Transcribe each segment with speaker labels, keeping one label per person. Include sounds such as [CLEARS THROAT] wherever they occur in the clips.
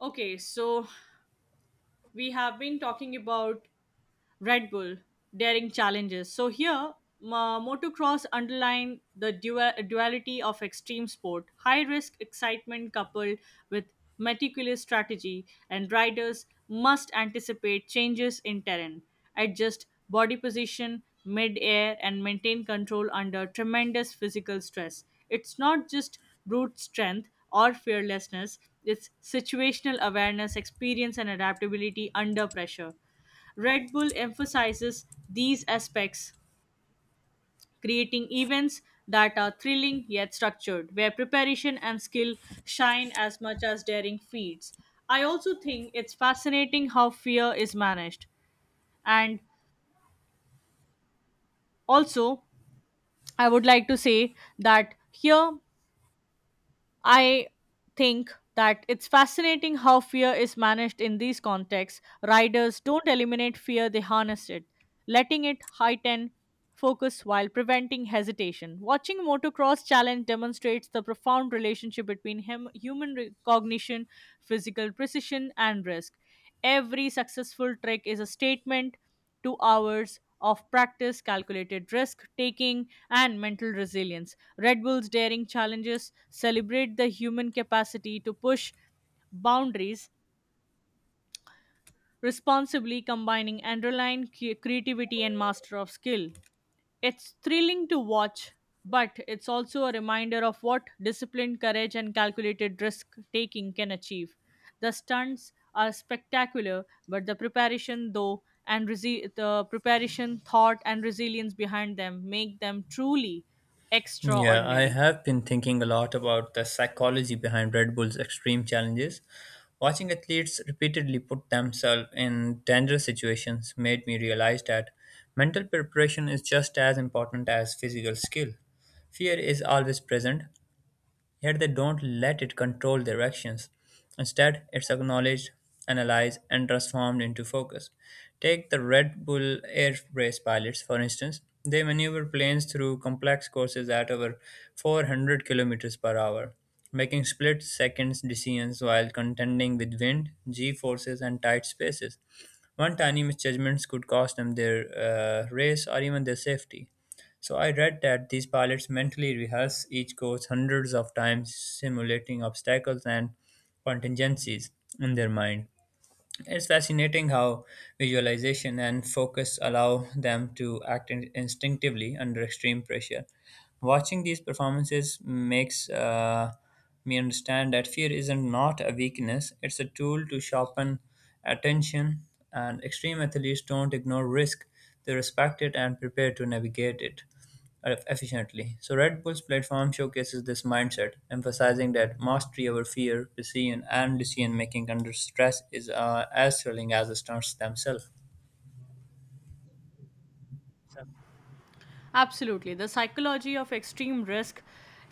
Speaker 1: Okay, so we have been talking about Red Bull, daring challenges. So here, motocross underlined the duality of extreme sport, high risk excitement coupled with meticulous strategy, and riders must anticipate changes in terrain, adjust body position mid air, and maintain control under tremendous physical stress. It's not just brute strength or fearlessness, it's situational awareness, experience, and adaptability under pressure. Red Bull emphasizes these aspects, creating events that are thrilling yet structured, where preparation and skill shine as much as daring feats. I also think it's fascinating how fear is managed. And also, I would like to say that here I think that it's fascinating how fear is managed in these contexts. Riders don't eliminate fear, they harness it, letting it heighten focus while preventing hesitation. Watching Motocross Challenge demonstrates the profound relationship between him, human cognition, physical precision, and risk. Every successful trick is a statement 2 hours of practice, calculated risk taking, and mental resilience. Red Bull's daring challenges celebrate the human capacity to push boundaries responsibly, combining adrenaline, creativity, and master of skill. It's thrilling to watch, but it's also a reminder of what discipline, courage, and calculated risk taking can achieve. The stunts are spectacular, but the preparation, though, and the preparation, thought, and resilience behind them make them truly
Speaker 2: Yeah, I
Speaker 1: extraordinary.
Speaker 2: have been thinking a lot about the psychology behind Red Bull's extreme challenges. Watching athletes repeatedly put themselves in dangerous situations made me realize that mental preparation is just as important as physical skill. Fear is always present, yet they don't let it control their actions. Instead, it's acknowledged, analyzed, and transformed into focus. Take the Red Bull Air Race pilots, for instance. They maneuver planes through complex courses at over 400 kilometers per hour, making split seconds decisions while contending with wind, g forces, and tight spaces. One tiny misjudgment could cost them their race or even their safety. So I read that these pilots mentally rehearse each course hundreds of times, simulating obstacles and contingencies in their mind. It's fascinating how visualization and focus allow them to act instinctively under extreme pressure. Watching these performances makes me understand that fear isn't not a weakness, it's a tool to sharpen attention, and extreme athletes don't ignore risk, they respect it and prepare to navigate it efficiently. So, Red Bull's platform showcases this mindset, emphasizing that mastery over fear, precision, and decision making under stress is as thrilling as the stunts themselves.
Speaker 1: Absolutely. The psychology of extreme risk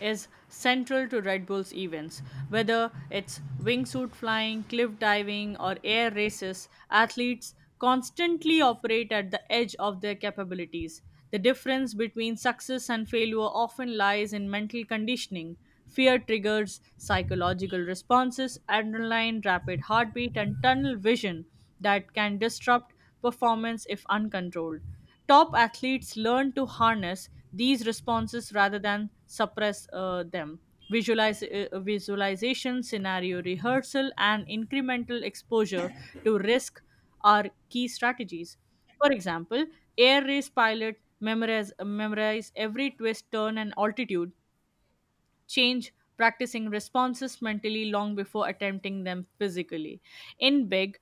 Speaker 1: is central to Red Bull's events. Whether it's wingsuit flying, cliff diving, or air races, athletes constantly operate at the edge of their capabilities. The difference between success and failure often lies in mental conditioning. Fear triggers psychological responses, adrenaline, rapid heartbeat, and tunnel vision that can disrupt performance if uncontrolled. Top athletes learn to harness these responses rather than suppress them. Visualization, scenario rehearsal, and incremental exposure to risk are key strategies. For example, air race pilot memorize every twist, turn, and altitude change, practicing responses mentally long before attempting them physically. In big,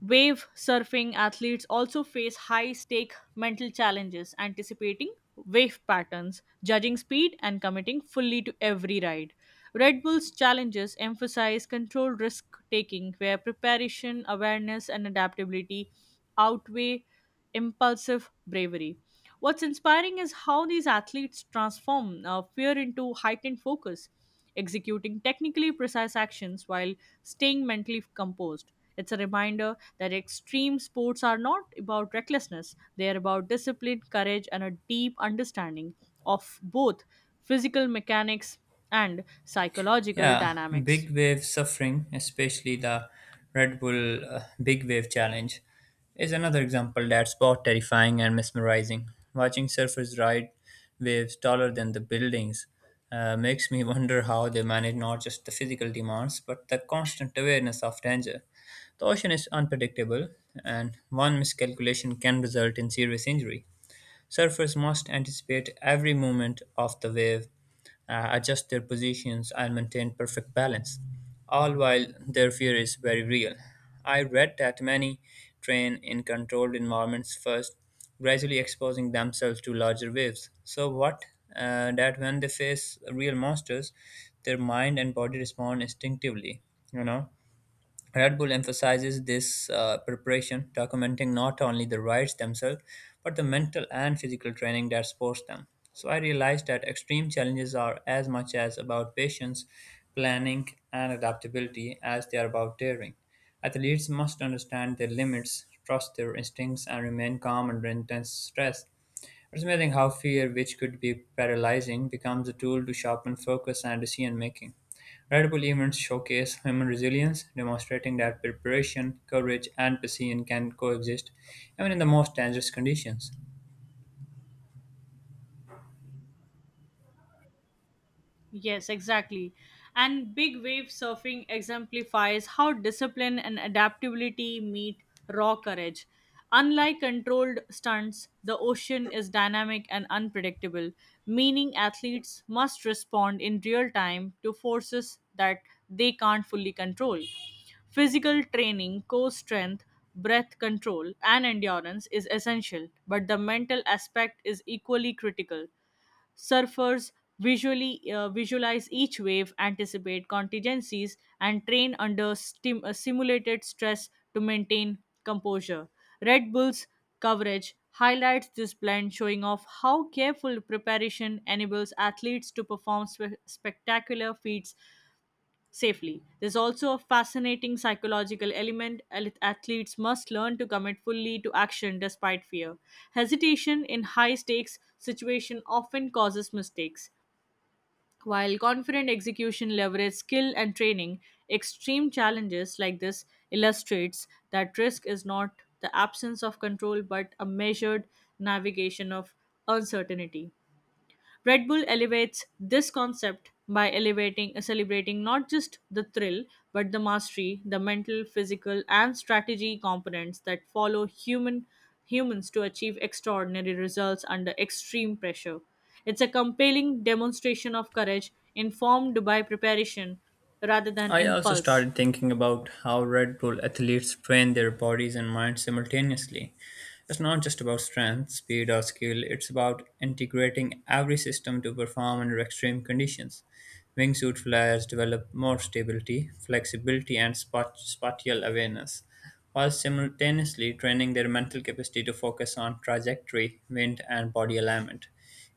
Speaker 1: wave surfing athletes also face high stake mental challenges, anticipating wave patterns, judging speed, and committing fully to every ride. Red Bull's challenges emphasize controlled risk taking, where preparation, awareness, and adaptability outweigh impulsive bravery. What's inspiring is how these athletes transform fear into heightened focus, executing technically precise actions while staying mentally composed. It's a reminder that extreme sports are not about recklessness, they are about discipline, courage, and a deep understanding of both physical mechanics and psychological
Speaker 2: Yeah,
Speaker 1: dynamics.
Speaker 2: big wave suffering, especially the Red Bull Big Wave Challenge, is another example that's both terrifying and mesmerizing. Watching surfers ride waves taller than the buildings makes me [LAUGHS] wonder how they manage not just the physical demands but the constant awareness of danger. The ocean is unpredictable, and one miscalculation can result in serious injury. Surfers must anticipate every movement of the wave, adjust their positions, and maintain perfect balance, all while their fear is very real. I read that many train in controlled environments first, gradually exposing themselves to larger waves. So, what that when they face real monsters, their mind and body respond instinctively, you know Red Bull emphasizes this preparation, documenting not only the rides themselves, but the mental and physical training that supports them. So I realized that extreme challenges are as much as about patience, planning, and adaptability as they are about daring. Athletes must understand their limits, trust their instincts, and remain calm under intense stress. It's amazing how fear, which could be paralyzing, becomes a tool to sharpen focus and decision making. Red Bull events showcase human resilience, demonstrating that preparation, courage, and passion can coexist even in the most dangerous conditions.
Speaker 1: Yes, exactly. And big wave surfing exemplifies how discipline and adaptability meet raw courage. Unlike controlled stunts, the ocean is dynamic and unpredictable, meaning athletes must respond in real time to forces that they can't fully control. Physical training, core strength, breath control, and endurance is essential, but the mental aspect is equally critical. Surfers visually visualize each wave, anticipate contingencies, and train under simulated stress to maintain composure. Red Bull's coverage highlights this blend, showing off how careful preparation enables athletes to perform spectacular feats safely. There's also a fascinating psychological element. Athletes must learn to commit fully to action despite fear. Hesitation in high stakes situation often causes mistakes. While confident execution leverage skill and training, extreme challenges like this illustrates that risk is not the absence of control but a measured navigation of uncertainty. Red Bull elevates this concept by elevating celebrating not just the thrill but the mastery, the mental, physical and strategy components that follow humans to achieve extraordinary results under extreme pressure. It's a compelling demonstration of courage informed by preparation rather than
Speaker 2: I also
Speaker 1: impulse.
Speaker 2: started thinking about how Red Bull athletes train their bodies and minds simultaneously. It's not just about strength, speed, or skill, it's about integrating every system to perform under extreme conditions. Wingsuit flyers develop more stability, flexibility, and spatial awareness, while simultaneously training their mental capacity to focus on trajectory, wind, and body alignment.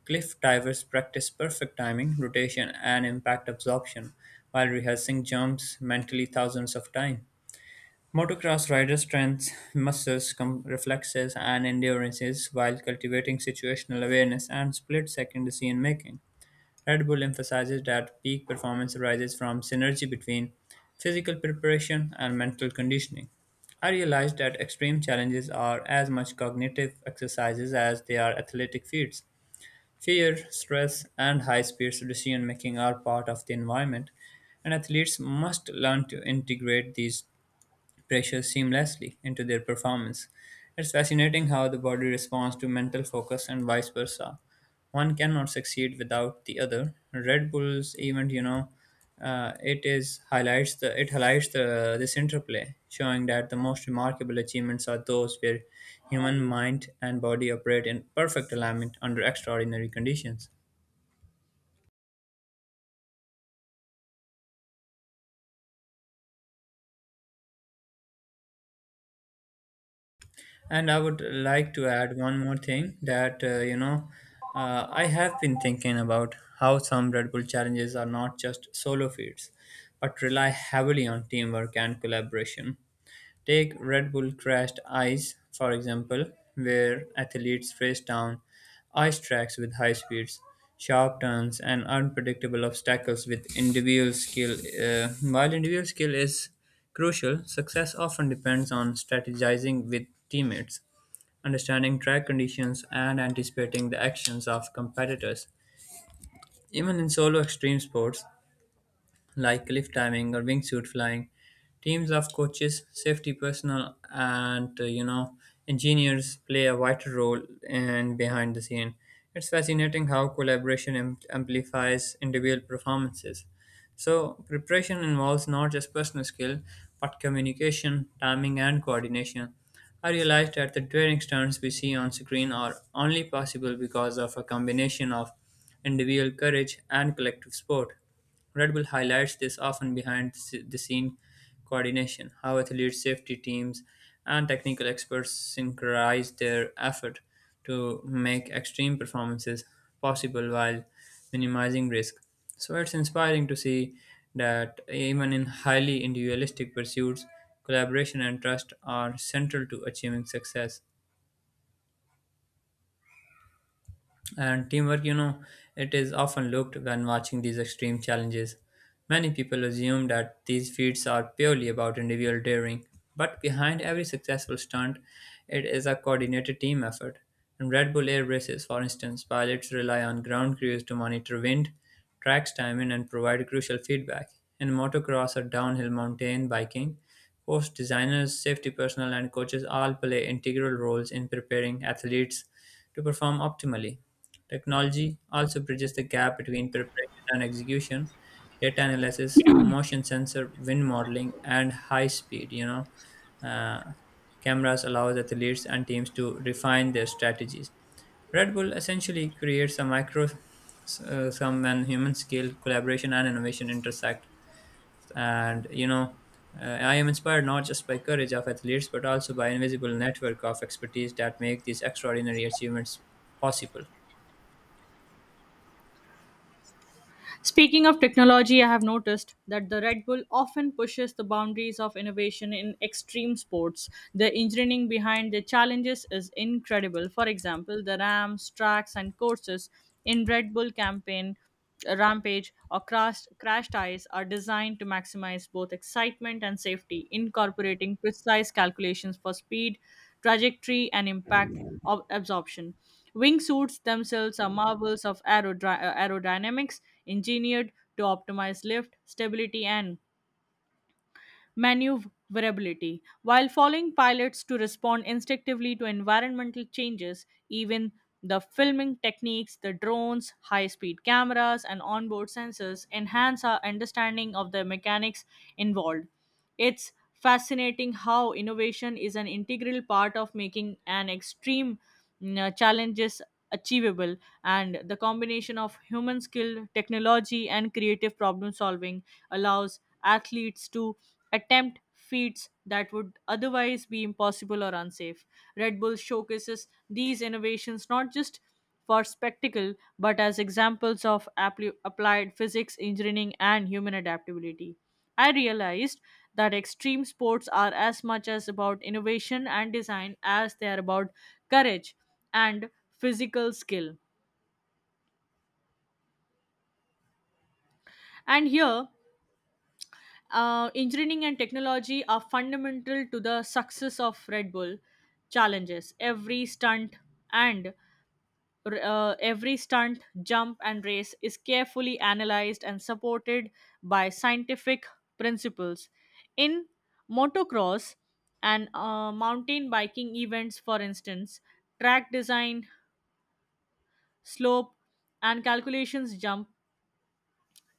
Speaker 2: Cliff divers practice perfect timing, rotation, and impact absorption while rehearsing jumps mentally thousands of times. Motocross riders train muscles, reflexes, and endurances while cultivating situational awareness and split-second decision-making. Red Bull emphasizes that peak performance arises from synergy between physical preparation and mental conditioning. I realized that extreme challenges are as much cognitive exercises as they are athletic feats. Fear, stress, and high speed decision making are part of the environment, and athletes must learn to integrate these pressures seamlessly into their performance. It's fascinating how the body responds to mental focus and vice versa. One cannot succeed without the other. Red Bull's event, you know, it is highlights the it highlights the this interplay, showing that the most remarkable achievements are those where human mind and body operate in perfect alignment under extraordinary conditions. And I would like to add one more thing that I have been thinking about how some Red Bull challenges are not just solo feats, but rely heavily on teamwork and collaboration. Take Red Bull Crashed Ice, for example, where athletes race down ice tracks with high speeds, sharp turns, and unpredictable obstacles with individual skill. While individual skill is crucial, success often depends on strategizing with teammates, understanding track conditions, and anticipating the actions of competitors. Even in solo extreme sports, like cliff diving or wingsuit flying. Teams of coaches, safety personnel, and engineers play a vital role in behind the scene. It's fascinating how collaboration amplifies individual performances. So preparation involves not just personal skill, but communication, timing, and coordination. I realized that the training stunts we see on screen are only possible because of a combination of individual courage and collective sport. Red Bull highlights this often behind the scene coordination, how athletes, safety teams, and technical experts synchronize their effort to make extreme performances possible while minimizing risk. So it's inspiring to see that even in highly individualistic pursuits, collaboration and trust are central to achieving success. And teamwork, it is often looked when watching these extreme challenges. Many people assume that these feats are purely about individual daring, but behind every successful stunt, it is a coordinated team effort. In Red Bull Air Races, for instance, pilots rely on ground crews to monitor wind, track timing, and provide crucial feedback. In motocross or downhill mountain biking, course designers, safety personnel, and coaches all play integral roles in preparing athletes to perform optimally. Technology also bridges the gap between preparation and execution. Data analysis, motion sensor, wind modeling, and high speed, uh, cameras allows athletes and teams to refine their strategies. Red Bull essentially creates a micro, some and human scale collaboration and innovation intersect and I am inspired not just by courage of athletes but also by invisible network of expertise that make these extraordinary achievements possible.
Speaker 1: Speaking of technology, I have noticed that the Red Bull often pushes the boundaries of innovation in extreme sports. The engineering behind the challenges is incredible. For example, the ramps, tracks, and courses in Red Bull campaign Rampage or crash tires are designed to maximize both excitement and safety, incorporating precise calculations for speed, trajectory, and impact absorption. Wingsuits themselves are marvels of aerodynamics, engineered to optimize lift, stability, and maneuverability. While following pilots to respond instinctively to environmental changes, even the filming techniques, the drones, high speed cameras, and onboard sensors enhance our understanding of the mechanics involved. It's fascinating how innovation is an integral part of making an extreme challenges achievable, and the combination of human skill, technology, and creative problem solving allows athletes to attempt feats that would otherwise be impossible or unsafe. Red Bull showcases these innovations not just for spectacle but as examples of applied physics, engineering, and human adaptability. I realized that extreme sports are as much as about innovation and design as they are about courage and physical skill. And here, engineering and technology are fundamental to the success of Red Bull challenges. And every stunt, jump, and race is carefully analyzed and supported by scientific principles. In motocross and mountain biking events, for instance, track design, slope, and calculations jump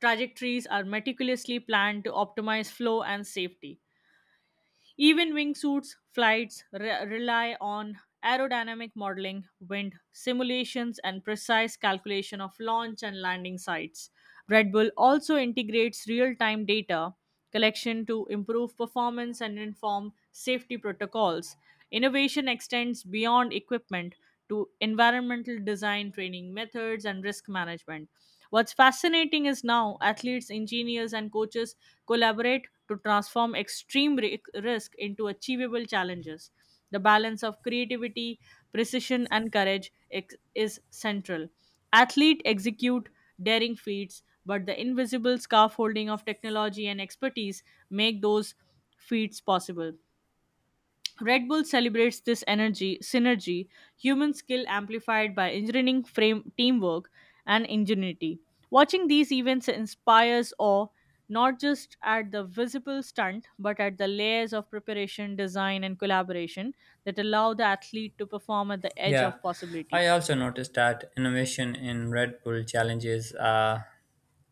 Speaker 1: trajectories are meticulously planned to optimize flow and safety. Even wingsuits flights rely on aerodynamic modeling, wind simulations, and precise calculation of launch and landing sites. Red Bull also integrates real time data collection to improve performance and inform safety protocols. Innovation extends beyond equipment to environmental design, training methods, and risk management. What's fascinating is now athletes, engineers, and coaches collaborate to transform extreme risk into achievable challenges. The balance of creativity, precision, and courage is central. Athlete execute daring feats, but the invisible scaffolding of technology and expertise make those feats possible. Red Bull celebrates this synergy, human skill amplified by engineering frame teamwork and ingenuity. Watching these events inspires awe not just at the visible stunt but at the layers of preparation, design, and collaboration that allow the athlete to perform at the edge
Speaker 2: Yeah,
Speaker 1: of possibility.
Speaker 2: I also noticed that innovation in Red Bull challenges uh,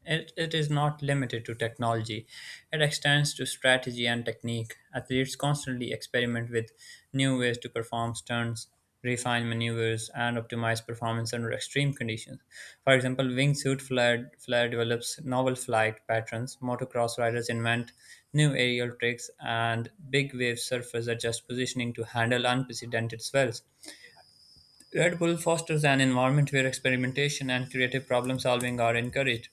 Speaker 2: it, it is not limited to technology. It extends to strategy and technique. Athletes constantly experiment with new ways to perform stunts, refine maneuvers, and optimize performance under extreme conditions. For example, flyer develops novel flight patterns, motocross riders invent new aerial tricks, and big wave surfers adjust positioning to handle unprecedented swells. Red Bull fosters an environment where experimentation and creative problem solving are encouraged.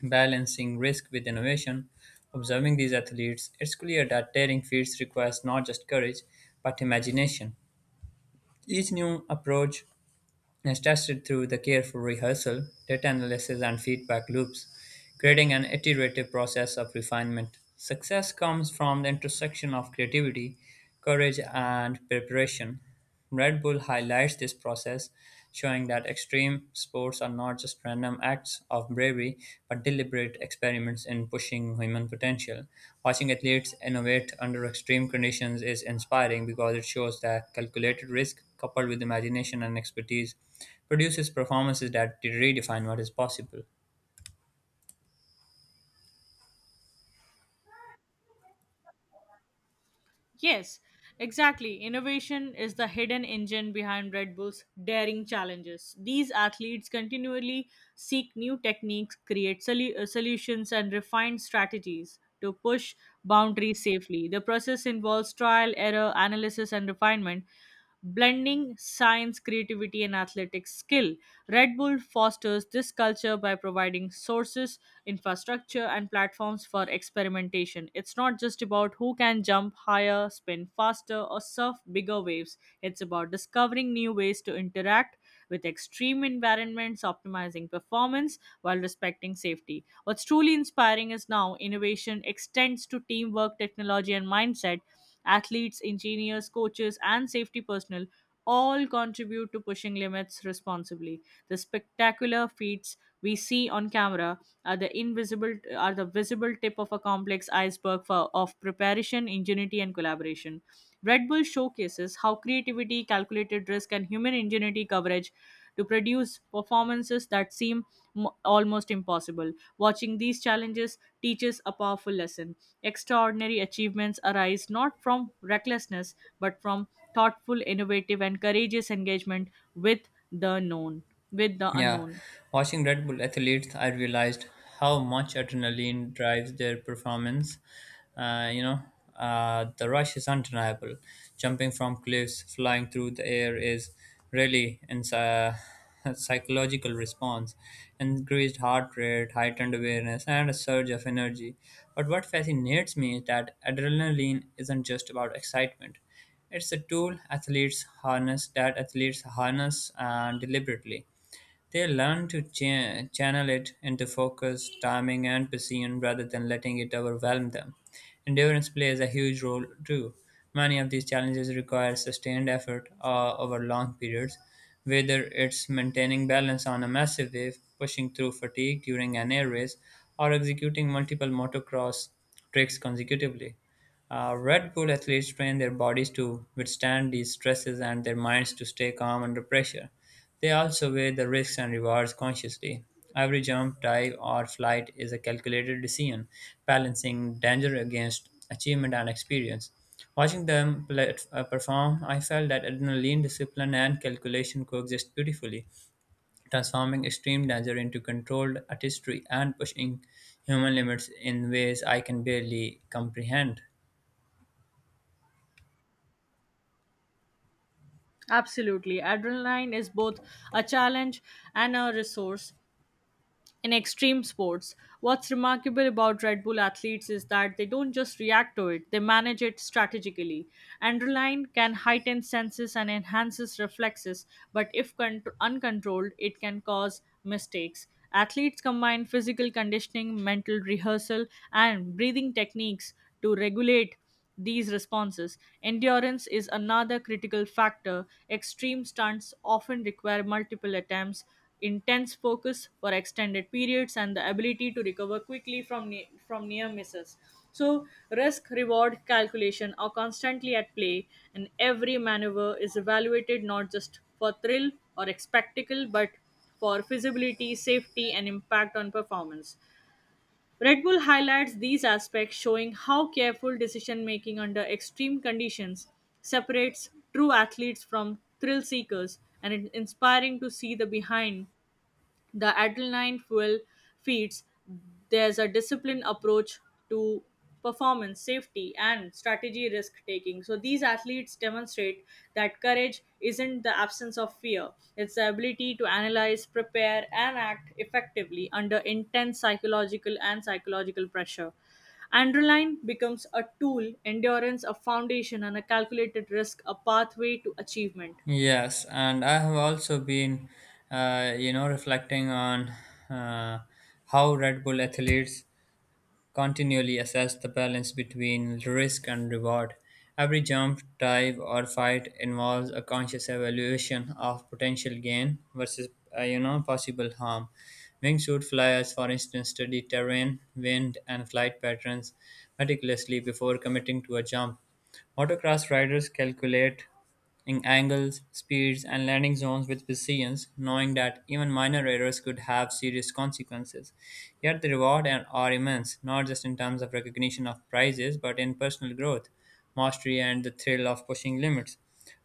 Speaker 2: Balancing risk with innovation, observing these athletes, it's clear that daring feats requires not just courage but imagination. Each new approach is tested through the careful rehearsal, data analysis, and feedback loops, creating an iterative process of refinement. Success comes from the intersection of creativity, courage, and preparation. Red Bull highlights this process, showing that extreme sports are not just random acts of bravery, but deliberate experiments in pushing human potential. Watching athletes innovate under extreme conditions is inspiring because it shows that calculated risk coupled with imagination and expertise produces performances that redefine what is possible.
Speaker 1: Yes, exactly. Innovation is the hidden engine behind Red Bull's daring challenges. These athletes continually seek new techniques, create solutions, and refine strategies to push boundaries safely. The process involves trial, error, analysis, and refinement, blending science, creativity, and athletic skill. Red Bull fosters this culture by providing sources, infrastructure, and platforms for experimentation. It's not just about who can jump higher, spin faster, or surf bigger waves, it's about discovering new ways to interact with extreme environments, optimizing performance while respecting safety. What's truly inspiring is now innovation extends to teamwork, technology, and mindset. Athletes, engineers, coaches, and safety personnel all contribute to pushing limits responsibly. The spectacular feats we see on camera are the invisible are the visible tip of a complex iceberg of preparation, ingenuity, and collaboration. Red Bull showcases how creativity, calculated risk, and human ingenuity coverage to produce performances that seem almost impossible. Watching these challenges teaches a powerful lesson. Extraordinary achievements arise not from recklessness but from thoughtful, innovative, and courageous engagement with the known, with the
Speaker 2: Yeah,
Speaker 1: unknown.
Speaker 2: watching Red Bull athletes, I realized how much adrenaline drives their performance. Uh, you know, the rush is undeniable. Jumping from cliffs, flying through the air is really [LAUGHS] a psychological response. Increased heart rate, heightened awareness, and a surge of energy. But what fascinates me is that adrenaline isn't just about excitement. It's a tool athletes harness deliberately they learn to channel it into focus, timing, and precision rather than letting it overwhelm them. Endurance plays a huge role too. Many of these challenges require sustained effort over long periods, whether it's maintaining balance on a massive wave, pushing through fatigue during an air race, or executing multiple motocross tricks consecutively. Red Bull athletes train their bodies to withstand these stresses and their minds to stay calm under pressure. They also weigh the risks and rewards consciously. Every jump, dive, or flight is a calculated decision, balancing danger against achievement and experience. Watching them perform, I felt that adrenaline, discipline, and calculation coexist beautifully, transforming extreme danger into controlled artistry and pushing human limits in ways I can barely comprehend.
Speaker 1: Absolutely. Adrenaline is both a challenge and a resource in extreme sports. What's remarkable about Red Bull athletes is that they don't just react to it, they manage it strategically. Adrenaline can heighten senses and enhances reflexes, but if uncontrolled, it can cause mistakes. Athletes combine physical conditioning, mental rehearsal, and breathing techniques to regulate these responses. Endurance is another critical factor. Extreme stunts often require multiple attempts, intense focus for extended periods, and the ability to recover quickly from near misses. So, risk reward calculation are constantly at play, and every maneuver is evaluated not just for thrill or spectacle but for feasibility, safety, and impact on performance. Red Bull highlights these aspects, showing how careful decision making under extreme conditions separates true athletes from thrill seekers, and it's inspiring to see the behind the adrenaline fuel feeds there's a disciplined approach to performance, safety, and strategy risk taking. So these athletes demonstrate that courage isn't the absence of fear, it's the ability to analyze, prepare, and act effectively under intense psychological pressure. Androline becomes a tool, endurance a foundation, and a calculated risk a pathway to achievement.
Speaker 2: Yes, and I have also been reflecting on uh, how Red Bull athletes continually assess the balance between risk and reward. Every jump, dive, or fight involves a conscious evaluation of potential gain versus possible harm. Wingsuit flyers, for instance, study terrain, wind, and flight patterns meticulously before committing to a jump. Motocross riders calculate in angles, speeds, and landing zones with precision, knowing that even minor errors could have serious consequences. Yet the reward are immense, not just in terms of recognition of prizes, but in personal growth, mastery, and the thrill of pushing limits.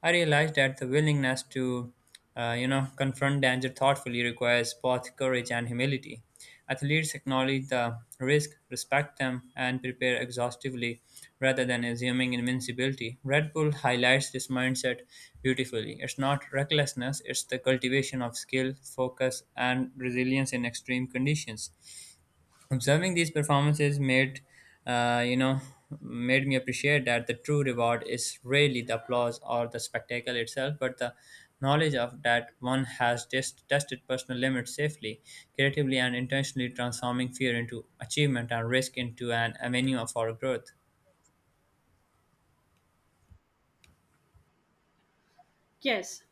Speaker 2: I realized that the willingness to confront danger thoughtfully requires both courage and humility. Athletes acknowledge the risk, respect them, and prepare exhaustively rather than assuming invincibility. Red Bull highlights this mindset beautifully. It's not recklessness, it's the cultivation of skill, focus, and resilience in extreme conditions. Observing these performances uh, you know, made me appreciate that the true reward is rarely the applause or the spectacle itself, but the knowledge of that one has just tested personal limits safely, creatively, and intentionally transforming fear into achievement and risk into an avenue for growth.
Speaker 1: Yes,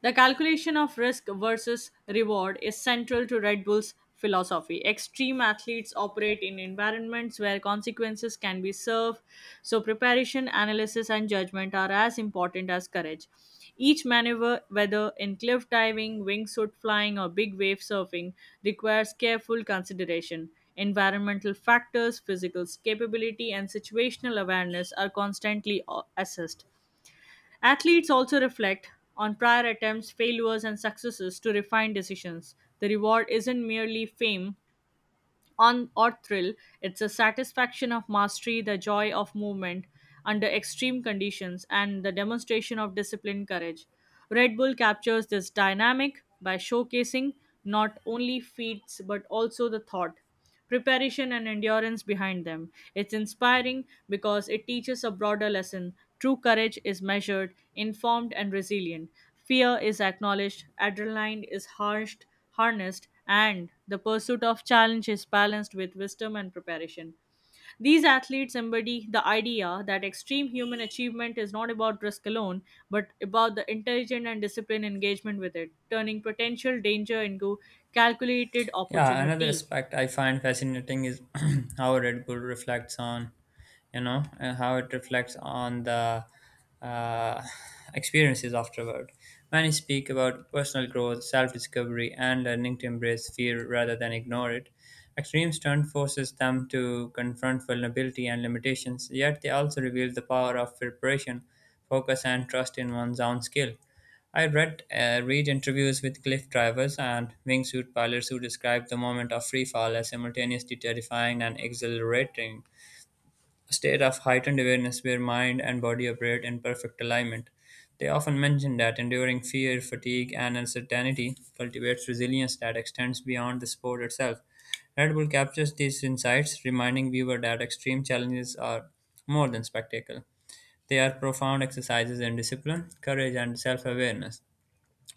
Speaker 1: the calculation of risk versus reward is central to Red Bull's philosophy. Extreme athletes operate in environments where consequences can be served, so preparation, analysis, and judgment are as important as courage. Each maneuver, whether in cliff diving, wingsuit flying, or big wave surfing, requires careful consideration. Environmental factors, physical capability, and situational awareness are constantly assessed. Athletes also reflect on prior attempts, failures, and successes to refine decisions. The reward isn't merely fame, on or thrill, it's a satisfaction of mastery, the joy of movement under extreme conditions, and the demonstration of disciplined courage. Red Bull captures this dynamic by showcasing not only feats but also the thought, preparation, and endurance behind them. It's inspiring because it teaches a broader lesson. True courage is measured, informed, and resilient. Fear is acknowledged, adrenaline is harshed harnessed, and the pursuit of challenge is balanced with wisdom and preparation. These athletes embody the idea that extreme human achievement is not about risk alone, but about the intelligent and disciplined engagement with it, turning potential danger into calculated
Speaker 2: Yeah, another
Speaker 1: opportunity.
Speaker 2: aspect I find fascinating is [CLEARS THROAT] how Red Bull reflects on and how it reflects on the uh, experiences afterward. Many speak about personal growth, self discovery, and learning to embrace fear rather than ignore it. Extreme stunt forces them to confront vulnerability and limitations, yet they also reveal the power of preparation, focus, and trust in one's own skill. I read interviews with cliff divers and wingsuit pilots who described the moment of free fall as simultaneously terrifying and exhilarating, a state of heightened awareness where mind and body operate in perfect alignment. They often mention that enduring fear, fatigue, and uncertainty cultivates resilience that extends beyond the sport itself. Red Bull captures these insights, reminding viewers that extreme challenges are more than spectacle. They are profound exercises in discipline, courage, and self awareness.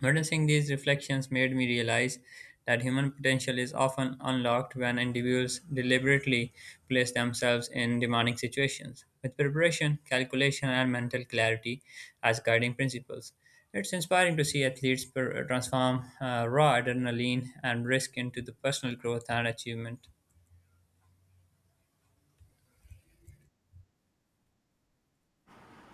Speaker 2: Witnessing these reflections made me realize that human potential is often unlocked when individuals deliberately place themselves in demanding situations, with preparation, calculation, and mental clarity as guiding principles. It's inspiring to see athletes transform raw adrenaline and risk into the personal growth and achievement.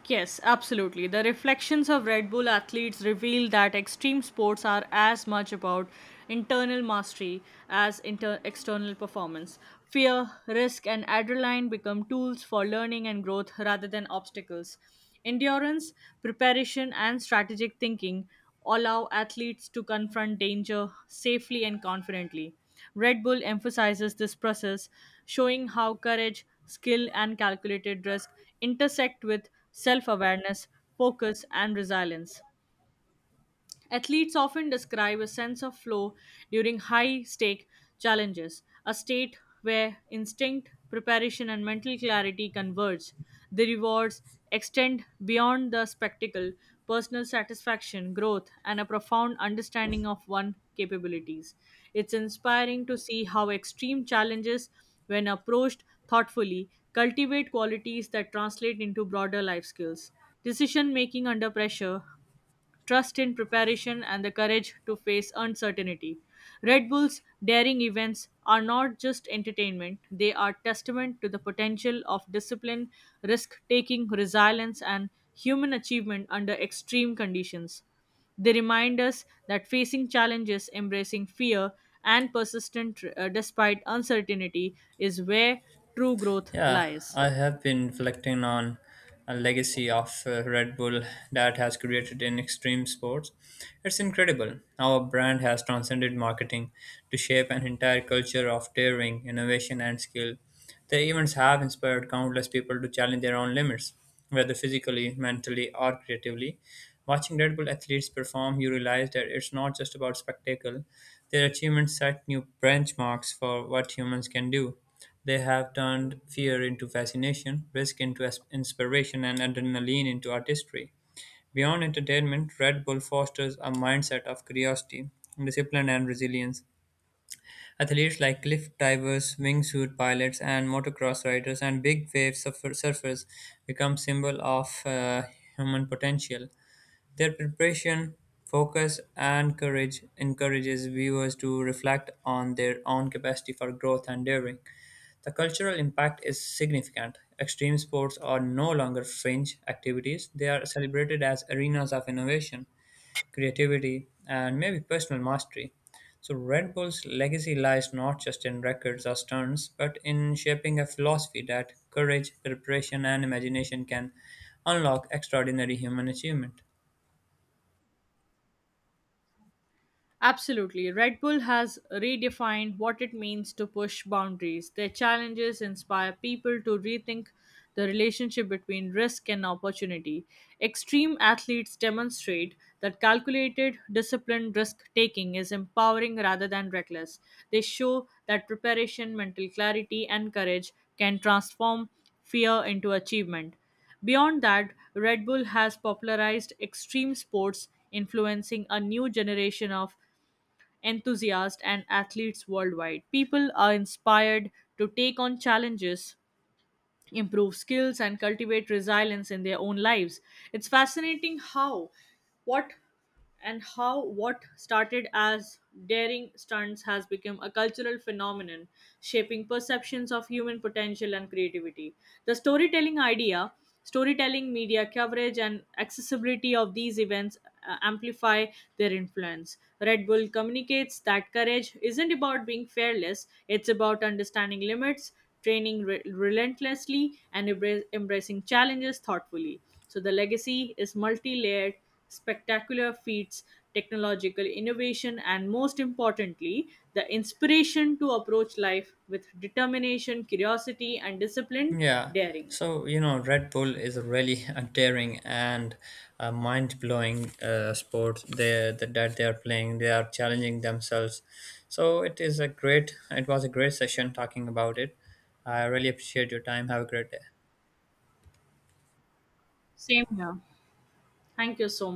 Speaker 1: Yes, absolutely. The reflections of Red Bull athletes reveal that extreme sports are as much about internal mastery as external performance. Fear, risk, and adrenaline become tools for learning and growth rather than obstacles. Endurance, preparation, and strategic thinking allow athletes to confront danger safely and confidently. Red Bull emphasizes this process, showing how courage, skill, and calculated risk intersect with self awareness, focus, and resilience. Athletes often describe a sense of flow during high stake challenges, a state where instinct, preparation, and mental clarity converge. The rewards extend beyond the spectacle, personal satisfaction, growth, and a profound understanding of one's capabilities. It's inspiring to see how extreme challenges, when approached thoughtfully, cultivate qualities that translate into broader life skills decision making under pressure, trust in preparation, and the courage to face uncertainty. Red Bull's daring events are not just entertainment, they are testament to the potential of discipline, risk taking, resilience, and human achievement under extreme conditions. They remind us that facing challenges, embracing fear, and persistent despite uncertainty is where true growth
Speaker 2: Yeah,
Speaker 1: lies.
Speaker 2: I have been reflecting on a legacy of Red Bull that has created in extreme sports. It's incredible how a brand has transcended marketing to shape an entire culture of daring, innovation, and skill. Their events have inspired countless people to challenge their own limits, whether physically, mentally, or creatively. Watching Red Bull athletes perform, you realize that it's not just about spectacle. Their achievements set new benchmarks for what humans can do. They have turned fear into fascination, risk into inspiration, and adrenaline into artistry. Beyond entertainment, Red Bull fosters a mindset of curiosity, discipline, and resilience. Athletes like cliff divers, wingsuit pilots, and motocross riders, and big wave surfers become symbol of human potential. Their preparation, focus, and courage encourages viewers to reflect on their own capacity for growth and daring. The cultural impact is significant. Extreme sports are no longer fringe activities, they are celebrated as arenas of innovation, creativity, and maybe personal mastery. So, Red Bull's legacy lies not just in records or stunts, but in shaping a philosophy that courage, preparation, and imagination can unlock extraordinary human achievement.
Speaker 1: Absolutely. Red Bull has redefined what it means to push boundaries. Their challenges inspire people to rethink the relationship between risk and opportunity. Extreme athletes demonstrate that calculated, disciplined risk taking is empowering rather than reckless. They show that preparation, mental clarity, and courage can transform fear into achievement. Beyond that, Red Bull has popularized extreme sports, influencing a new generation of enthusiasts, and athletes worldwide. People are inspired to take on challenges, improve skills, and cultivate resilience in their own lives. It's fascinating how what and how what started as daring stunts has become a cultural phenomenon, shaping perceptions of human potential and creativity. The storytelling, media coverage, and accessibility of these events amplify their influence. Red Bull communicates that courage isn't about being fearless, it's about understanding limits, training relentlessly, and embracing challenges thoughtfully. So the legacy is multi layered, spectacular feats, technological innovation, and most importantly, the inspiration to approach life with determination, curiosity, and disciplined
Speaker 2: Yeah.
Speaker 1: daring.
Speaker 2: So, you know, Red Bull is a really [LAUGHS] a daring and a mind-blowing sport they, that that they are playing. They are challenging themselves. So it is a it was a great session talking about it. I really appreciate your time. Have a great day.
Speaker 1: Same here. Thank you so